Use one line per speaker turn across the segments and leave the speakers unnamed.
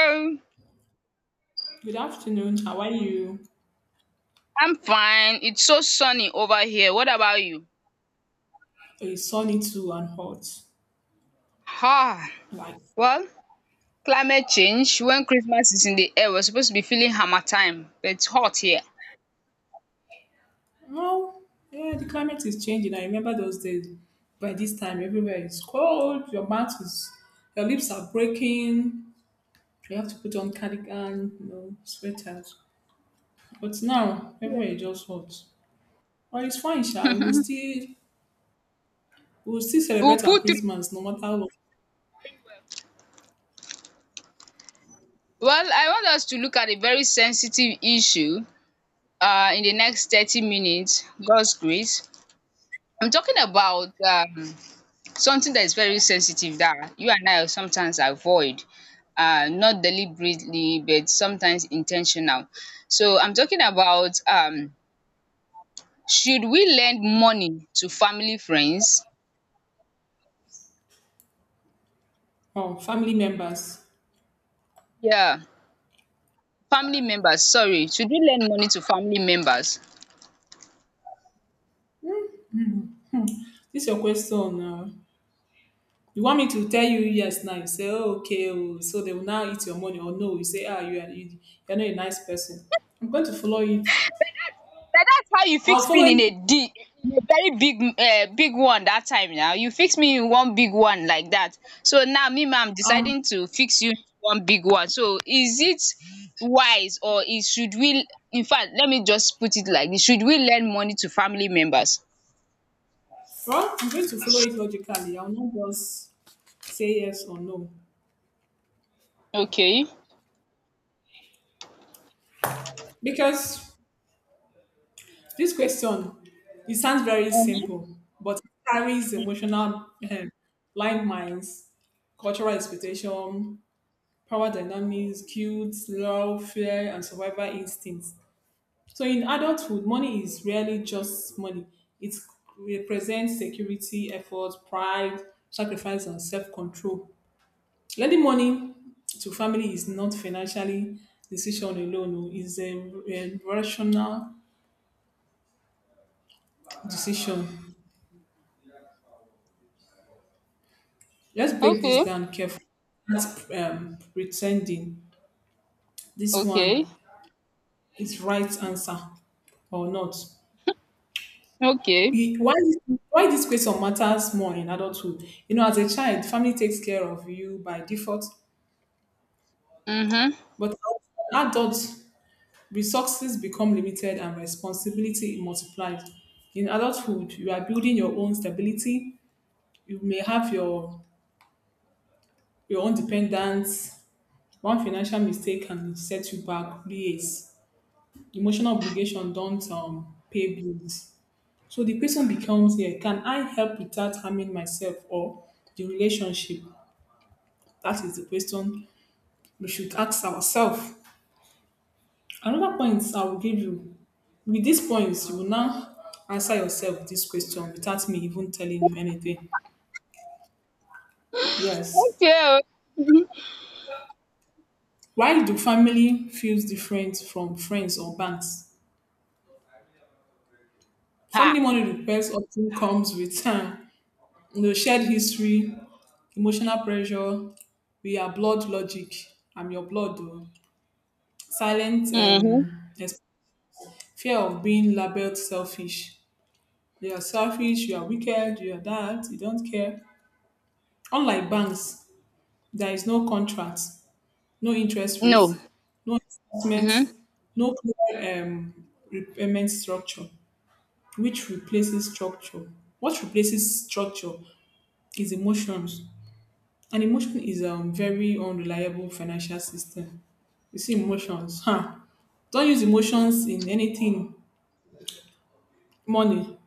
Hello.
Good afternoon. How are you?
I'm fine. It's so sunny over here. What about you?
It's sunny too and hot.
Ah,
Like,
well, climate change. When Christmas is in the air, we're supposed to be feeling hammer time, but it's hot here.
well, yeah, the climate is changing. I remember those days. By this time, everywhere is cold. Your lips are breaking. You have to put on cardigan, sweaters. But now, everywhere is just hot. But it's fine, Sha. We'll still
We'll
celebrate our
put through.
Christmas, no matter what.
Well, I want us to look at a very sensitive issue in the next 30 minutes. God's grace. I'm talking about something that is very sensitive that you and I sometimes avoid. Not deliberately, but sometimes intentional. So I'm talking about should we lend money to family friends
Oh, family members.
um family members, sorry. Should we lend money to family members?
This is your question now. You want me to tell you yes now? You say, oh, okay, oh, so they will now eat your money. Or no, you say, ah, you're not a nice person. I'm going to follow it.
Na, that's how you
I'll
fix me
follow it.
in a di in a very big big one that time. Now you fix me in one big one like that, so now me ma, I'm
Um,
deciding to fix you one big one. So is it wise, or is, should we, infact let me just put it like this, should we lend money to family members?
well, I'm going to follow it logically. I'll not just say yes or no.
Okay.
Because this question, it sounds very
um
simple, but it carries emotional landmines, cultural expectation, power dynamics, guilt, love, fear, and survival instincts. So in adulthood, money is rarely just money. It represents security, effort, pride, sacrifice, and self-control. Lending money to family is not financially decision alone. Oh, it's a rational decision. Let's break this
okay.
down carefully. That's pretending this one
Okay.
is right answer or not.
Okay.
E- Why why this question matters more in adulthood? You know, as a child, family takes care of you by default.
um
But as adults, resources become limited and responsibility multiplies. In adulthood, you are building your own stability. You may have your own dependence. One financial mistake can set you back years. Emotional obligation don't pay bills. So the question becomes here, can I help without harming myself or the relationship? That is the question we should ask ourselves. Another point I will give you with these points, you will now answer yourself this question without me even telling you anything. Yes.
Okay. You. Mhm.
Why do family feels different from friends or banks?
Ha.
Family money request often comes with time, shared history, emotional pressure. We are blood logic. I'm your blood, though. Silent
Mhm.
fear of being labeled selfish. You are selfish. You are wicked. You are that. You don't care. Unlike banks, there is no contract, no interest
No.
rate, no investment,
Mhm.
no clear repayment structure, which replaces structure. What replaces structure is emotions, and emotion is a very unreliable financial system. You see, emotions, huh? Don't use emotions in anything. Money,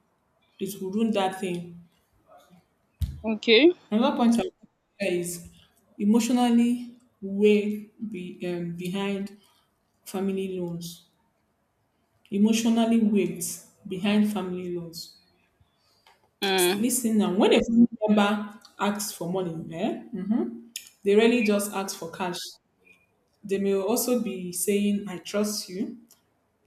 it will ruin that thing.
Okay.
Another point I want to share is emotionally way be, behind family loans emotionally weight behind family loans.
Mm.
Lis ten now, when a family member asks for money, they rarely just ask for cash. They may also be saying, I trust you,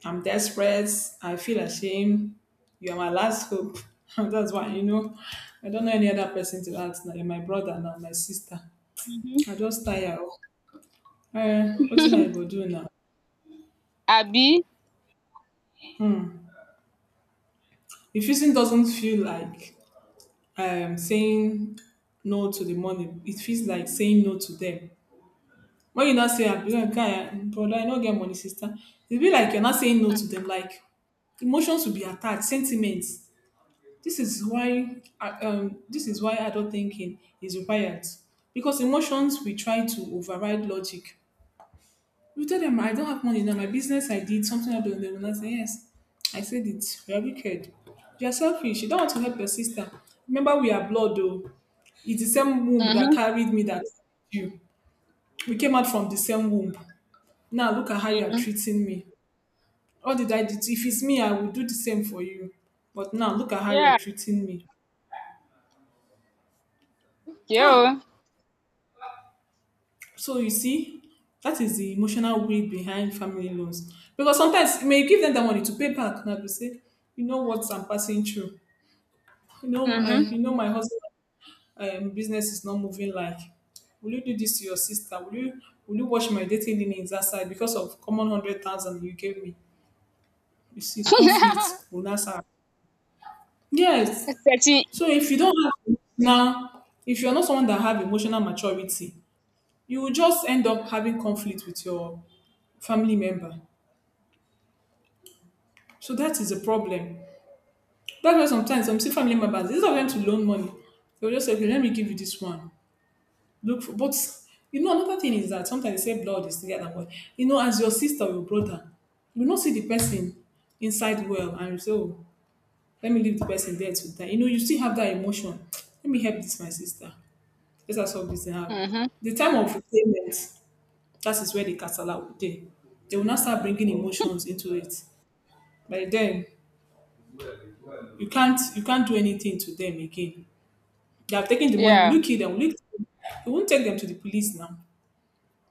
I'm desperate, I feel ashamed, you are my last hope. That's why, I don't know any other person to ask now. You're my brother now, my sister.
Mhm.
I just tire. What you I go do now?
Abi.
Refusing doesn't feel like saying no to the money, it feels like saying no to them. When you not say, "I'm "Ah, guy, brother, I don't get money, sister," it be like you're not saying no
Mhm.
to them. Like emotions will be attached, sentiments. This is why adult thinking is required because emotions we try to override logic. You tell them I don't have money now, my business I did, something happened, they will not say yes. I said it. You are wicked. You are selfish. You don't want to help your sister. Remember, we are blood though. It's the same womb that carried me that you. We came out from the same womb. Now look at how you are
Mhm.
treating me. What did I do? If it's me, I will do the same for you. But now look at how you are
Yeah.
treating me.
Yeah.
Huh. So you see, that is the emotional weight behind family loans. Because sometimes you may give them the money to pay back. Now to say, you know what I'm passing through. You know my,
Mhm.
you know my husband business is not moving like. Will you do this to your sister? Will you watch my dating limits outside because of common 100,000 you gave me? You see, conflict will not start. Yes.
Searching.
So if you don't have now, if you're not someone that have emotional maturity, you will just end up having conflict with your family member. So that is a problem. That's why sometimes I'm see family members, instead of them to loan money, they'll just say, okay, let me give you this one. Look for, but another thing is that sometimes they say blood is thicker than water. You know, as your sister or your brother, you not see the person inside well and you say, oh, let me leave the person there to die. You know, you still have that emotion. Let me help this my sister. Let us solve this thing out.
Mhm.
The time of payment, that is where the casala will dey. They will now start bringing emotions into it. By then, you can't do anything to them again. They have taken the money. Will
Yeah.
you kill them? Will you? Kill them? You won't take them to the police now.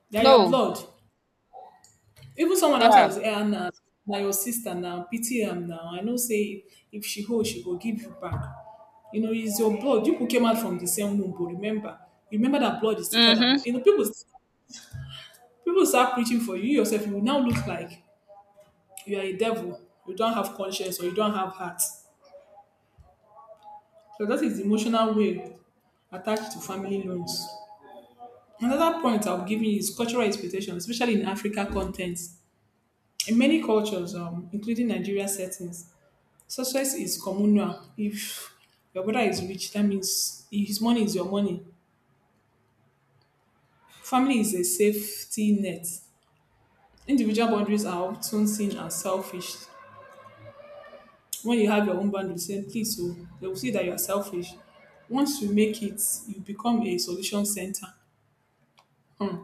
They are your
No.
blood. Even someone outside will
Yeah.
say, "Eh, Anna, now your sister now, pity am now. I know say if she hold, she go give you back." You know, it's your blood. You people came out from the same womb, but remember that blood is thicker than
Mhm.
you know. People start preaching for you. You yourself, you will now look like you are a devil. You don't have conscience or you don't have heart. So that is the emotional way attached to family loans. Another point I'll give you is cultural expectations, especially in Africa contents. In many cultures, including Nigeria settings, success is communal. If your brother is rich, that means his money is your money. Family is a safety net. Individual boundaries are often seen as selfish. When you have your own boundaries, say please, so they will see that you are selfish. Once you make it, you become a solution center. Hmm.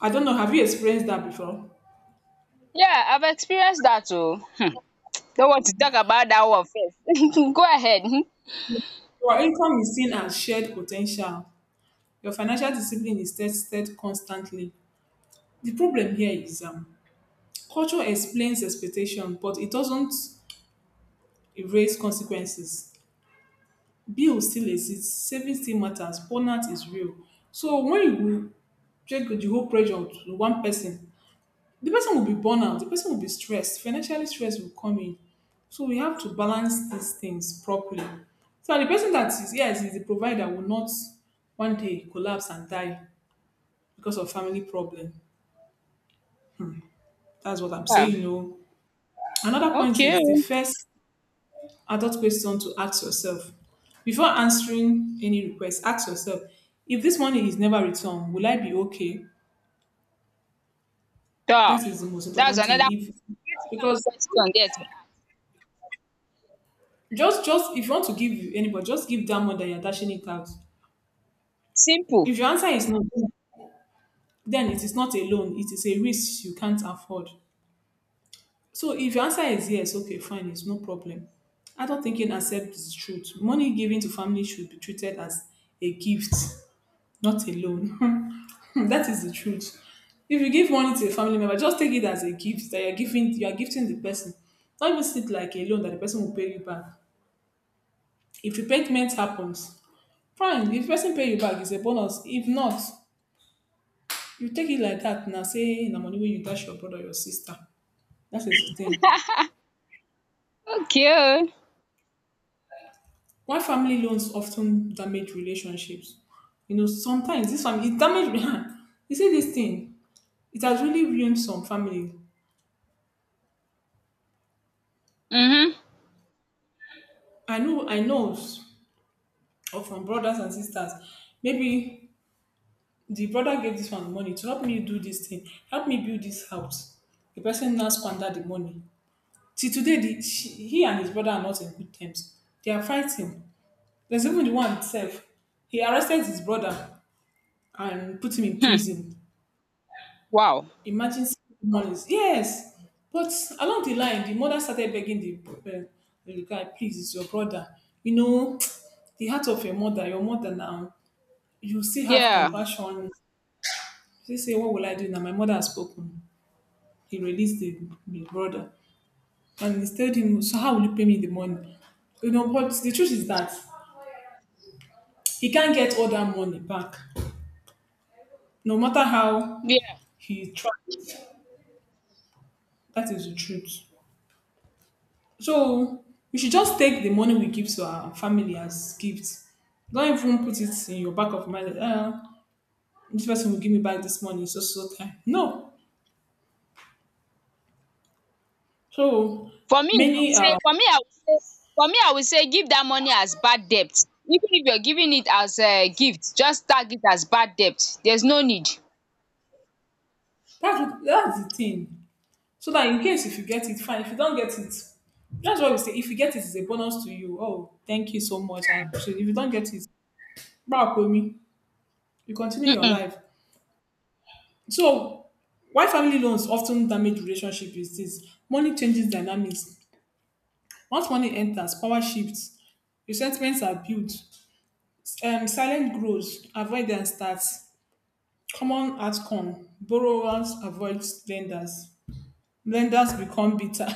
I don't know. Have you experienced that before?
Yeah, I've experienced that too. Hmm. Don't want to talk about that one first. Go ahead. Mhm.
Your income is seen as shared potential. Your financial discipline is tested constantly. The problem here is culture explains expectation, but it doesn't erase consequences. Bills still exist, savings still matters, burnout is real. So when you will take the whole pressure to one person, the person will be burned out, the person will be stressed, financially stress will come in. So we have to balance these things properly. So the person that is yes is the provider will not one day collapse and die because of family problem. That's what I'm
Yeah.
saying. No. Another point is the
Okay.
first adult question to ask yourself. Before answering any request, ask yourself if this money is never returned, will I be okay?
Yeah.
That is the most
That's
important
another
thing. If
critical
because
question there to ask.
just if you want to give anybody, just give that money that you're dashing it out.
Simple.
If your answer is no, then it is not a loan, it is a risk you can't afford. So if your answer is yes, okay, fine, it's no problem. Adult thinking accepts the truth. Money given to family should be treated as a gift not alone. That is the truth. If you give money to a family member, just take it as a gift that you're giving. You are gifting the person. Don't even see it like a loan that the person will pay you back. If repayment happens, fine. If person pay you back, it's a bonus. If not, you take it like that. Now say na money when you dash your brother or your sister. That is the thing.
Okay.
Why family loans often damage relationships? You know, sometimes this family it damage. You see this thing. It has really ruined some family.
Mhm.
I know. Or from brothers and sisters. Maybe the brother gave this one money to help me do this thing, help me build this house. The person now squandered the money. Till today, he and his brother are not in good terms. They are fighting. There's even the one itself. He arrested his brother and put him in
Hmm.
prison.
Wow.
Imagine months. Yes, but along the line, the mother started begging uh, the guy, please, it's your brother. You know, the heart of your mother now, you still have
Yeah,
compassion. He say, "What will I do now? My mother has spoken." He released the brother and he told him, "So how will you pay me the money?" You know, but the truth is that he can't get all that money back. No matter how
yeah.
he tries, that is the truth. So we should just take the money we give to our family as gifts. Don't even put it in your back of mind that this person will give me back this money so so time. No. So
For me, I would
many
say for me, I would say for me, I would say give that money as bad debt. Even if you're giving it as a gift, just tag it as bad debt. There's no need.
that's the thing. So that in case if you get it, fine. If you don't get it, that's what we say. If you get it, it's a bonus to you. Oh, thank you so much. I appreciate it. If you don't get it, back with me. You continue your
Mm-mm.
life. So why family loans often damage relationship is this. Money changes dynamics. Once money enters, power shifts, resentments are built, silent grows, avoidance starts, common outcome, borrowers avoid lenders, lenders become bitter,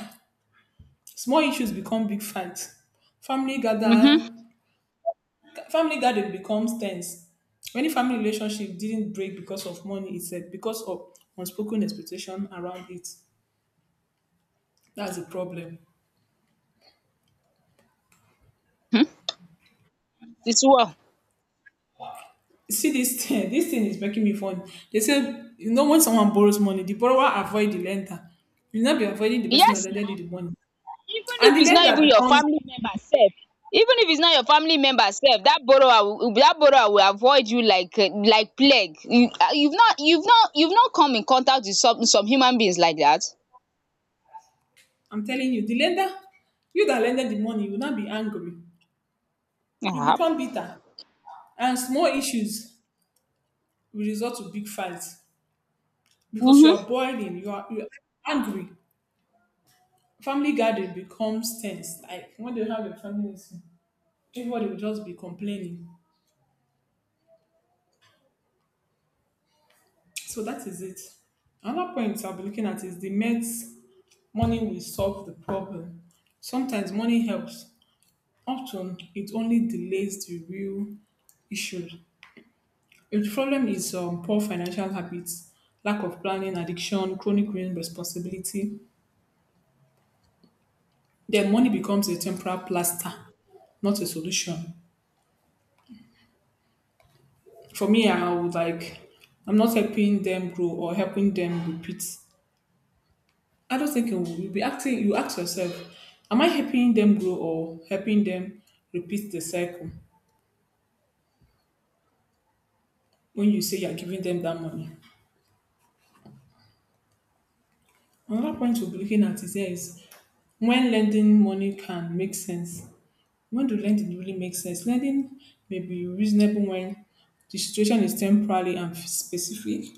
small issues become big fights, family
Mm-hmm.
gather Family garden becomes tense. Many family relationship didn't break because of money itself, because of unspoken expectation around it. That's the problem.
Hmm. It's well.
See this thing, this thing is making me fun. They say, you know, when someone borrows money, the borrower avoid the lender. You will not be avoiding the person that
Yes,
lended
now.
you the money.
Even if
And the
it's not
lender
even your
becomes,
family member self, Even if it's not your family member self, that borrower will avoid you like plague. You, you've not you've not come in contact with some human beings like that.
I'm telling you, the lender, you that lended the money, you will not be angry. You
Yeah.
become bitter. And small issues will result to big fights because you
Mm-hmm.
are boiling, you are angry. Family gathering becomes tense. Like when they have a family meeting, everybody will just be complaining. So that is it. Another point I'll be looking at is the Mets money will solve the problem. Sometimes money helps. Often it only delays the real issue. If the problem is poor financial habits, lack of planning, addiction, chronic responsibility, then money becomes a temporary plaster, not a solution. For me, I would like I'm not helping them grow or helping them repeat. I don't think you will you'll be asking you ask yourself, am I helping them grow or helping them repeat the cycle when you say you're giving them that money? Another point we'll be looking at is, here is when lending money can make sense. When the lending really makes sense, lending may be reasonable when the situation is temporary and specific.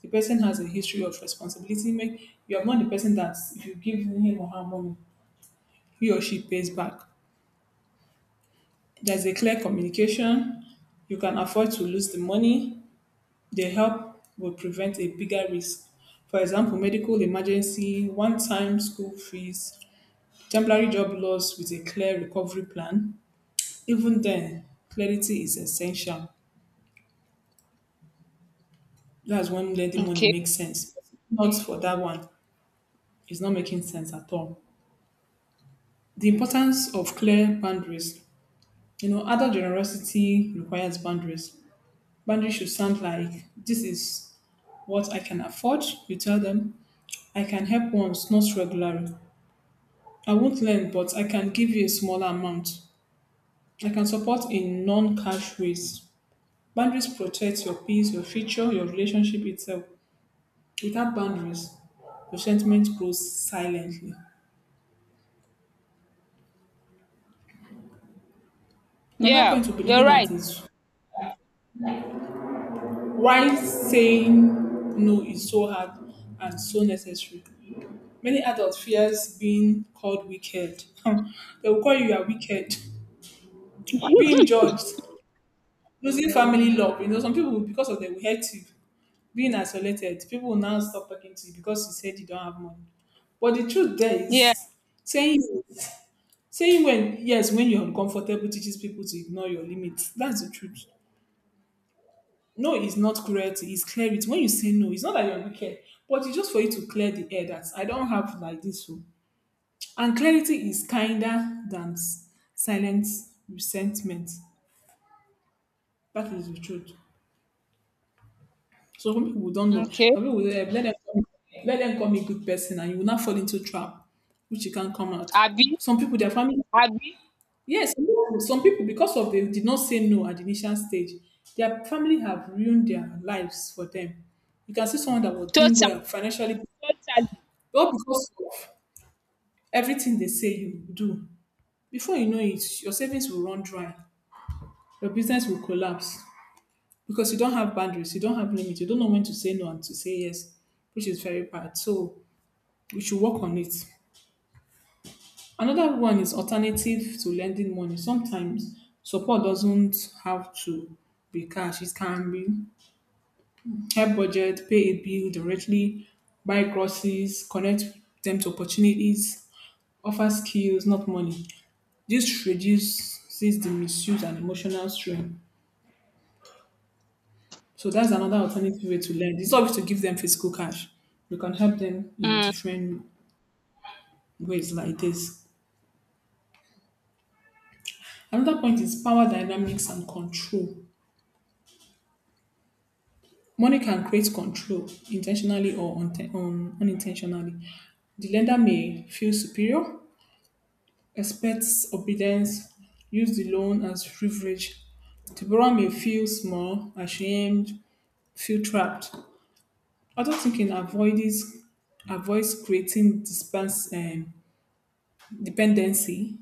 The person has a history of responsibility. Make you are not the person that if you give him or her money, he or she pays back. There's a clear communication. You can afford to lose the money. The help will prevent a bigger risk. For example, medical emergency, one-time school fees, temporary job loss with a clear recovery plan. Even then, clarity is essential. That's when lending money
Okay.
makes sense. Not for that one, it's not making sense at all. The importance of clear boundaries. You know, adult generosity requires boundaries. Boundaries should sound like this is what I can afford. You tell them, I can help once, not regularly. I won't lend, but I can give you a smaller amount. I can support in non cash ways. Boundaries protect your peace, your future, your relationship itself. Without boundaries, resentment grows silently. Another
Yeah,
point we'll be
you're
looking at
right.
is why saying no is so hard and so necessary. Many adults fears being called wicked. They will call you you are wicked. Being judged, losing family love. You know, some people because of them will hate you. Being isolated, people will now stop talking to you because you said you don't have money. But the truth there
Yeah,
is saying yes, saying when yes when you're uncomfortable teaches people to ignore your limits. That's the truth. No, it's not cruelty. It's clear it. When you say no, it's not that you're wicked, but it's just for you to clear the air that I don't have like this. So. And clarity is kinder than silent resentment. That is the truth. So some people don't know.
okay.
Some people will, eh, let them come, let them call me good person, and you will not fall into trap, which you can't come out.
Abby.
Some people, their family,
Abby.
yes, some people, because of they did not say no at the initial stage, their family have ruined their lives for them. You can see someone that was doing well
Totally,
financially.
totally.
All because of everything they say you do. Before you know it, your savings will run dry. Your business will collapse because you don't have boundaries, you don't have limits, you don't know when to say no and to say yes, which is very bad. So we should work on it. Another one is alternative to lending money. Sometimes support doesn't have to be cash. It can be help budget, pay a bill directly, buy groceries, connect them to opportunities, offer skills, not money. This reduces the misuse and emotional strain. So that's another alternative way to learn. It's not always to give them physical cash. We can help them in
Mm,
different ways like this. Another point is power dynamics and control. Money can create control intentionally or unintentionally. The lender may feel superior, expects obedience, use the loan as leverage. The borrower may feel small, ashamed, feel trapped. Adult thinking avoids creating dependency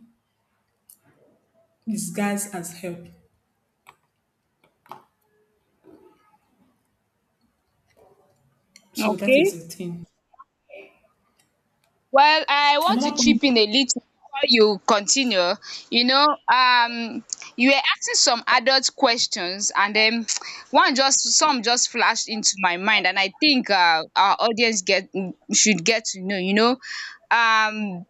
disguised as help. So that is
okay.
the thing.
Well, I want
Another
to
point
chip in a little before you continue. You know, you were asking some adult questions, and then one, just some just flashed into my mind, and I think our audience get, should get to know. You know, um,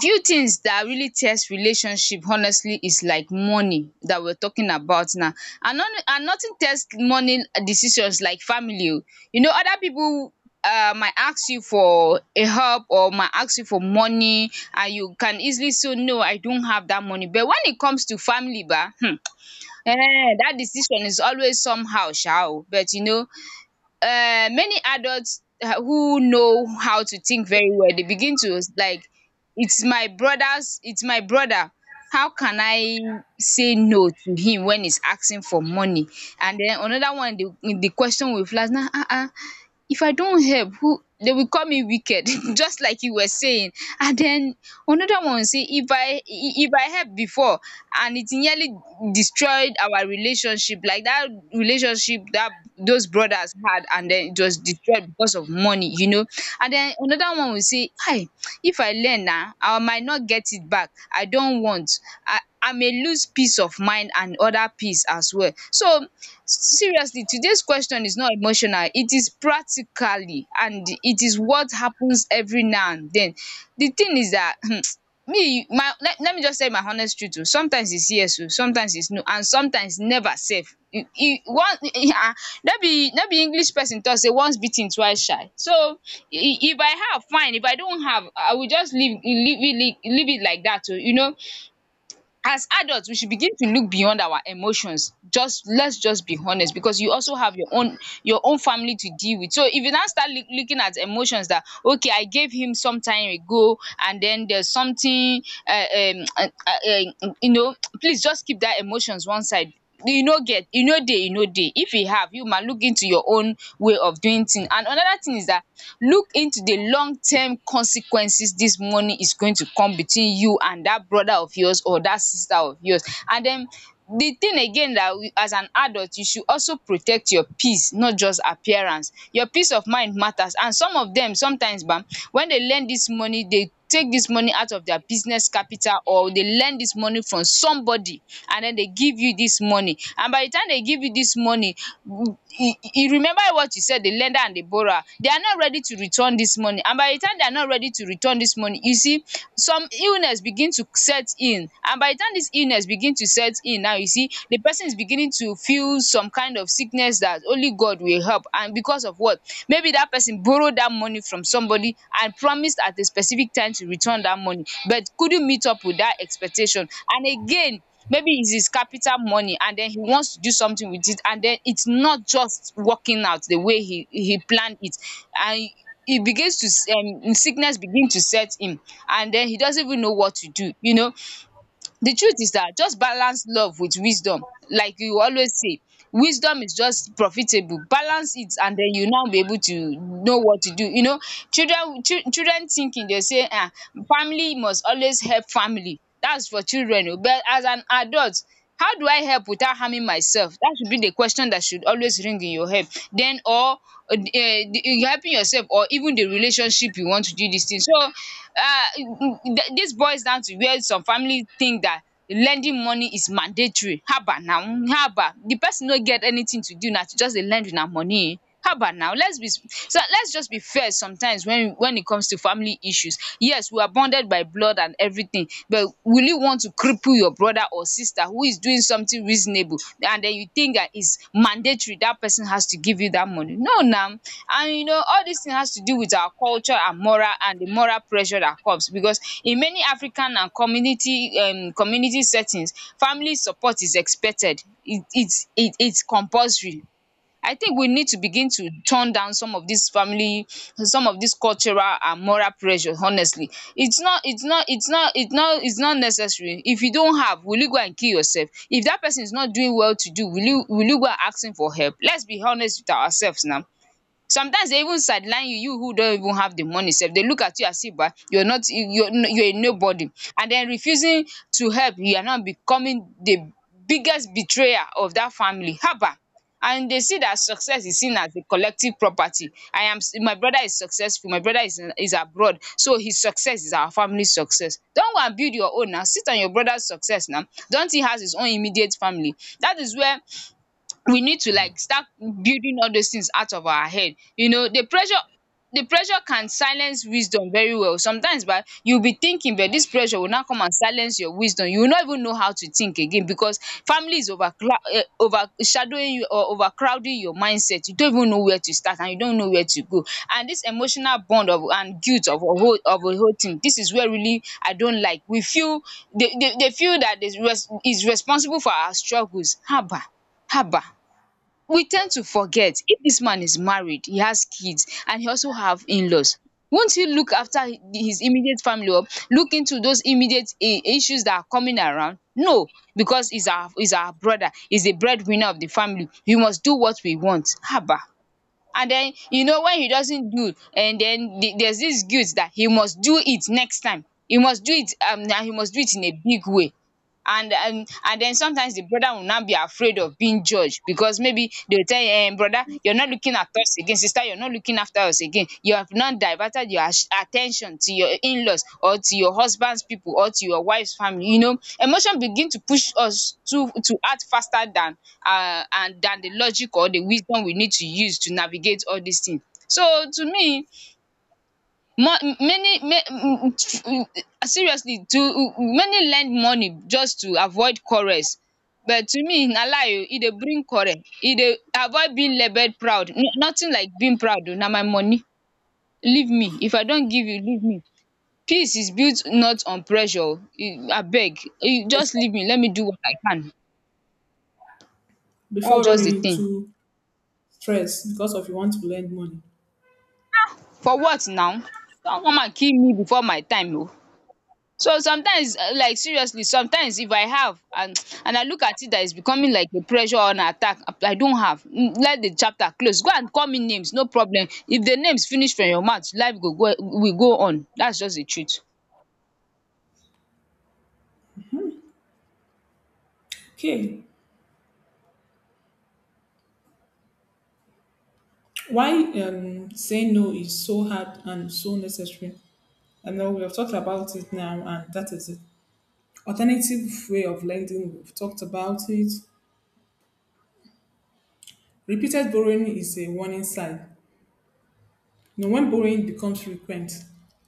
few things that really test relationship honestly is like money that we're talking about now. And none, and nothing test money decisions like family oh. You know, other people might ask you for a help or might ask you for money, and you can easily say no, I don't have that money, but when it comes to family ba, that decision is always somehow shall. But you know, many adults who know how to think very well, they begin to like, it's my brother's, it's my brother, how can I say no to him when he's asking for money? And then another one, the question will flash now, ah, ah, if I don't help, who, they will call me wicked, just like you were saying. And then another one say, if if I help before, and it nearly destroyed our relationship, like that relationship that those brothers had, and then it was destroyed because of money, you know. And then another one will say, hi, if I learn now, I might not get it back. I don't want. I may lose peace of mind and other peace as well. So seriously, today's question is not emotional, it is practically, and it is what happens every now and den. The thing is dat me my, let me just tell you my honest truth oo. Sometimes is yes oo, sometimes is no, and sometimes never sef. E e one no be English person talk sey once bitten twice shy. So if I have fine, if I don't have I will just leave it, leave it like dat oo. You know, as adult we should begin to look beyond our emotions. Just let's just be honest, because you also have your own family to deal with. So if you now start looking at emotions that, okay, I gave him some time ago, and then there's something um um uh, uh, you know, please just keep that emotions one side. E no get, e no dey. If e have, you ma look into your own way of doing thing. And another thing is that, look into the long term consequences. This money is going to come between you and that brother of yours or that sister of yours. And then the thing again, that we, as an adult, you should also protect your peace, not just appearance. Your peace of mind matters. And some of them sometimes ba, when they learn this money, they take this money out of their business capital, or they lend this money from somebody, and then they give you this money. And by the time they give you this money, you remember what you said, the lender and the borrower, they are not ready to return this money. And by the time they are not ready to return this money, you see some illness begin to set in. And by the time this illness begin to set in, now you see the person is beginning to feel some kind of sickness that as only God will help. And because of what? Maybe that person borrowed that money from somebody and promised at a specific time to return that money, but couldn't meet up with that expectation. And again, maybe it's his capital money, and then he wants to do something with it, and then it's not just working out the way he planned it. And he begins to sickness begin to set him, and then he doesn't even know what to do, you know. The truth is that just balance love with wisdom, like you always say. Wisdom is just profitable, balance it, and then you now be able to know what to do, you know. Children, children thinking, they say, ah, family must always help family. That's for children oo. But as an adult, how do I help without harming myself? That should be the question that should always ring in your head. Then or helping yourself or even the relationship, you want to do this thing. So dis boils down to where some family think that lending money is mandatory. Haba now, haba! The person no get anything to do na to just dey lend una money. How about now? Let's be so, let's just be fair sometimes when it comes to family issues. Yes, we are bonded by blood and everything, but will you want to cripple your brother or sister who is doing something reasonable, and then you think that it's mandatory that person has to give you that money? No, now. And you know, all this thing has to do with our culture and moral, and the moral pressure that comes, because in many African and community, community settings, family support is expected. It's compulsory. I think we need to begin to turn down some of these family, some of these cultural and moral pressure, honestly. It's not it's not it's not it's not it's not necessary. If you don't have, will you go and kill yourself? If dat person is not doing well to do, will you go and ask him for help? Let's be honest with ourselves now. Sometimes dey even sideline you, you who don even have the money sef, dey look at you as if bah, you're not you're you're a nobody, and den refusing to help, you are now becoming the biggest betrayer of dat family. Haba! And they see dat success is seen as a collective property. I am, my brother is successful, my brother is abroad, so his success is our family success. Don go and build your own now, sit on your brother's success now. Don't, he has his own immediate family? Dat is where we need to like start building all those things out of our head, you know. The pressure can silence wisdom very well sometimes. But you will be thinking, but this pressure will now come and silence your wisdom, you will not even know how to think again, because family is overcloud, overshadowing you or overcrowding your mindset, you don't even know where to start, and you don't know where to go. And this emotional bond of, and guilt of a whole thing, this is where really I don't like we feel they feel that is responsible for our struggles. Haba, haba, we tend to forget, if this man is married, he has kids, and he also have in-laws. Won't he look after his immediate family, or look into those immediate issues that are coming around? No, because he's our brother, he's the breadwinner of the family, we must do what we want. Haba. And then you know, when he doesn't do, and den there's this guilt that he must do it next time, he must do it, and he must do it in a big way. And then sometimes the brother will now be afraid of being judged, because maybe they will tell him, "Brother, you're not looking at us again. Sister, you're not looking after us again. You have now diverted your attention to your in-laws, or to your husband's people, or to your wife's family." You know, emotion begin to push us to act faster than and than the logic or the wisdom we need to use to navigate all these things. So to me, More many seriously, to many lend money just to avoid quarrels. But to me, na lie o, e dey bring quarrel. E dey avoid being labelled proud. Nothing like being proud o, na my money. Leave me. If I don give you, leave me. Peace is built not on pressure o. Abeg just leave me, let me do what I can. That's
before
just
running
the thing.
into stress because of you want to lend money.
For what now? Don come and kill me before my time o. So sometimes, like, seriously, sometimes if I have, and I look at it that is becoming like a pressure or an attack, I don't have. Let the chapter close, go and call me names, no problem. If the names finish from your mouth, life go go will go on. That's just the truth.
Okay, why saying no is so hard and so necessary. I know we have talked about it now, and that is it. Alternative way of lending, we've talked about it. Repeated borrowing is a warning sign. You know, when borrowing becomes frequent,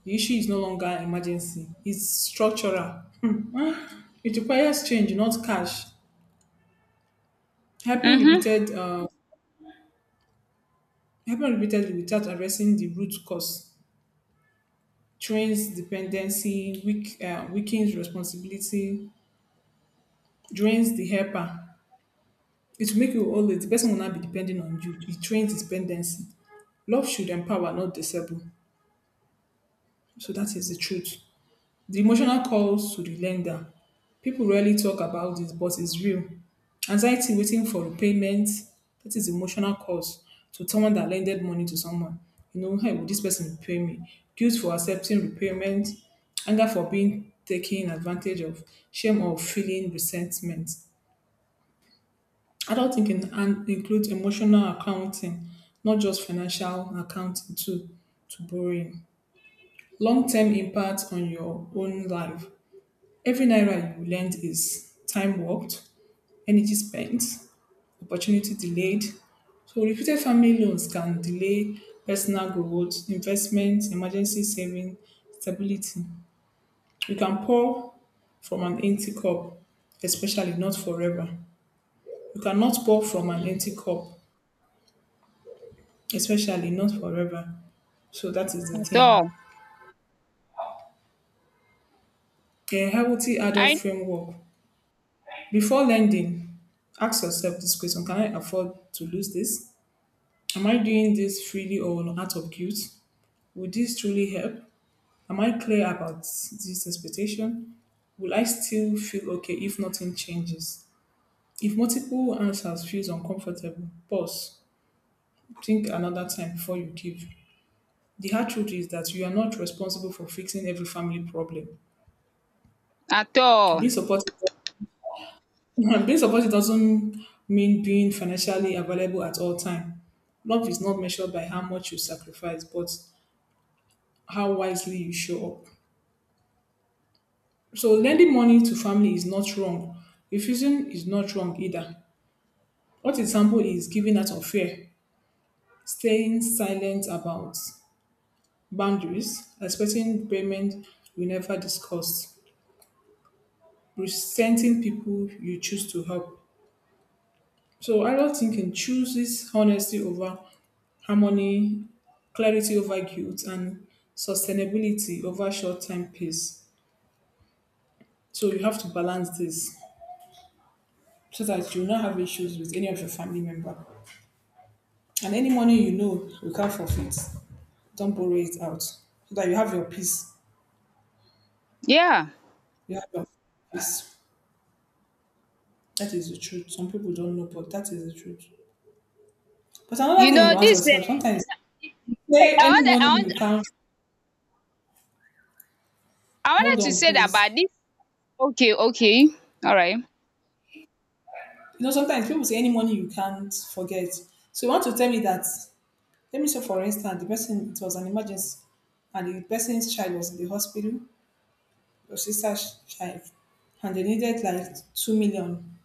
the issue is no longer emergency, it's structural. It requires change, not cash. Helping
um
repeated, uh, Helping repeatedly without addressing the root cause trains dependency, weakens responsibility, drains the helper. It will make you always, the person will not be depending on you. It trains dependency. Love should empower, not disable. So that is the truth. The emotional calls to the lender. People rarely talk about this, but it's real. Anxiety waiting for repayment. That is emotional calls to someone that lended money to someone. You know, hey, will this person repay me? Guilt for accepting repayment. Anger for being taken advantage of. Shame or feeling resentment. Adult thinking and includes emotional accounting, not just financial accounting too, to borrowing. Long-term impact on your own life. Every naira you lend is time worked, energy spent, opportunity delayed. So repeated family loans can delay personal growth, investment, emergency saving, stability. You can pour from an empty cup, especially not forever. You cannot pour from an empty cup, especially not forever. So that is the
At
thing.
all.
A healthy adult
I
framework. Before lending, ask yourself this question. Can I afford to lose this? Am I doing this freely or out of guilt? Would this truly help? Am I clear about this expectation? Will I still feel okay if nothing changes? If multiple answers feels uncomfortable, pause. Think another time before you give. The hard truth is that you are not responsible for fixing every family problem.
At all.
Being supportive, being supportive doesn't mean being financially available at all time. Love is not measured by how much you sacrifice, but how wisely you show up. So lending money to family is not wrong. Refusing is not wrong either. What example is giving out of fear, staying silent about boundaries, expecting payment we never discussed, resenting people you choose to help. So adult thinking chooses honesty over harmony, clarity over guilt, and sustainability over short-term peace. So you have to balance this so that you will not have issues with any of your family member. And any money you know you can't forfeit, don't borrow it out. So that you have your peace.
Yeah,
You have your peace. That is the truth. Some people don't know, but that is the truth. But another
you
thing
know
you ask
this,
yourself,
you
sometimes
know, it- wait,
say
I
any
want.
money you can't
I
hold
wanted to
on,
say that,
please.
but this. Okay, alright.
You know, sometimes people say any money you can't forget. So you want to tell me that let me say for instance, the person it was an emergency and the person's child was in the hospital, your sister's child, and they needed like 2 million.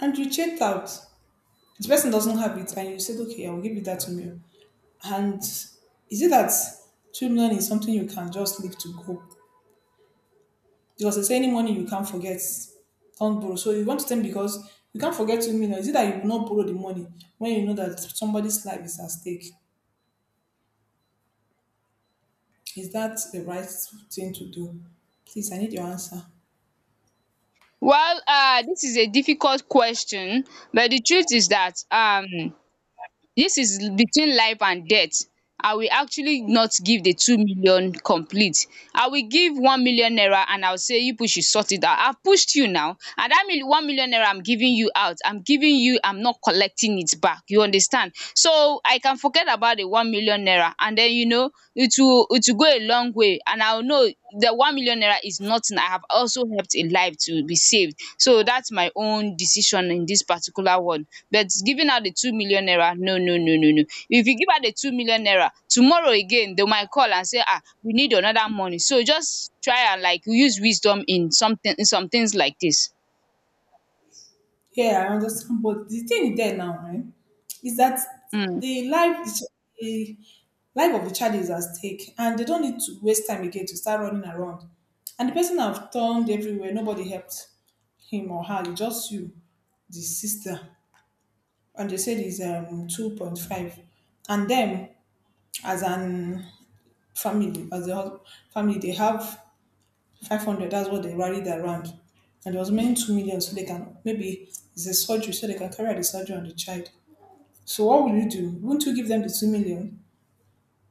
And you checked out. The person doesn't have it, and you said, "Okay, I will give you that meal." And is it that 2 million is something you can just leave to go? Because it's any money you can't forget, don't borrow. So you want to tell me because you can't forget 2 million. Is it that you will not borrow the money when you know that somebody's life is at stake? Is that the right thing to do? Please, I need your answer.
Well, this is a difficult question, but the truth is that, dis is between life and death. I will actually not give the 2 million complete. I will give 1 million naira, and I will say, you people should sort it out. I've pushed you now, and that mil 1 million naira I'm giving you out, I'm giving you, I'm not collecting it back, you understand? So I can forget about the 1 million naira. And then you know, it will go a long way, and I will know the 1 million naira is nothing, I have also helped a life to be saved. So that's my own decision in this particular one. But giving out the 2 million naira, no, no, no, no, no. If you give out the 2 million naira, tomorrow again they might call and say, ah, we need another money. So just try and like use wisdom in some things like this.
Yeah, I understand. But the thing there now, right, is that
Mm.
the life, the life of the child is at stake, and they don't need to waste time again to start running around. And the person have turned everywhere. Nobody helped him or her. It's just you, the sister, and they said he's 2.5, and them as an family, family, they have 500. That's what they rallied around, and it was meant 2 million so they can maybe it's a surgery so they can carry out the surgery on the child. So what will you do? Won't you give them the 2 million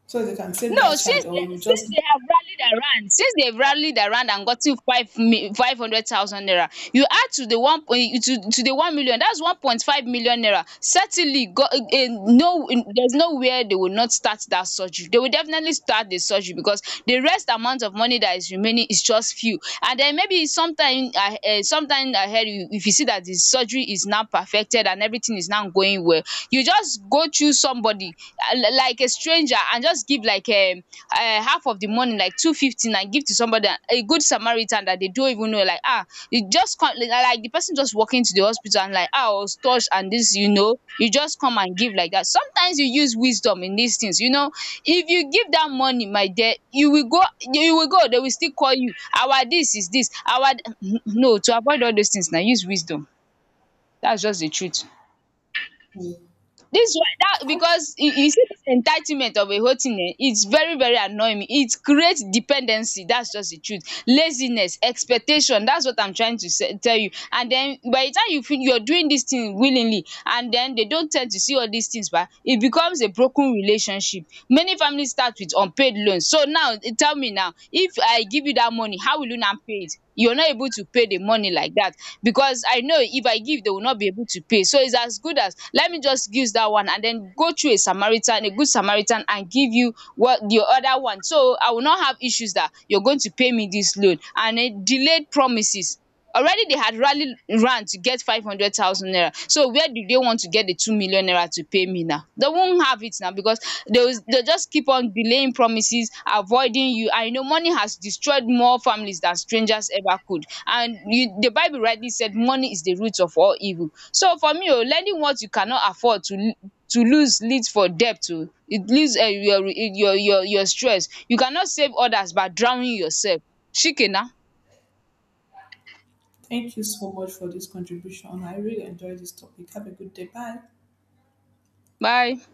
so they can save that
No.
child, or you just?
Since they've rallied around and gotten 500,000 naira, you add to the one point to the 1 million, that's 1.5 million naira certainly go. No. There's nowhere they will not start that surgery, they will definitely start the surgery, because the rest amount of money that is remaining is just few. And then maybe sometime, sometime ahead, if you see that the surgery is now perfected and everything is now going well, you just go choose somebody, like a stranger, and just give, like, half of the money, like 250 na, give to somebody, a good Samaritan that they don't even know, like, you just come, like the person just walking to the hospital, and like, um, I was touched, and this you know, you just come and give like that. Sometimes you use wisdom in these things, you know. If you give dat money, my dear, you will go, you will go, dey will still call you. Our dis is dis our No. To avoid all those things, na use wisdom. Dats just the truth.
give them-
Dis one, that
Okay.
because you see dis entitlement of a whole thing, its very very annoying me, it create dependency. Dats just the truth. Laziness, expectation, dats what I'm trying to tell you. And den by the time you feel you're doing dis thing willingly, and den they don't tend to see all dis things ba, it becomes a broken relationship. Many families start with unpaid loans. So now tell me now, if I give you that money, how will you now pay it? You're not able to pay the money like that, because I know if I give, they will not be able to pay. So it's as good as, let me just use that one and then go through a Samaritan, a good Samaritan, and give you what the other one. So I will not have issues that you're going to pay me this loan, and it delayed promises. Already they had rallied round to get 500,000 naira. So where do they want to get the 2 million naira to pay me now? They won't have it now, because they'll just keep on delaying promises, avoiding you. I know money has destroyed more families than strangers ever could. And you, the Bible rightly said money is the root of all evil. So for me, oh, lending what you cannot afford to to lose leads for debt oh. It leaves, your stress. You cannot save others by drowning yourself. Shike na.
Thank you so much for this contribution. I really enjoyed this topic. Have a good day. Bye.
Bye.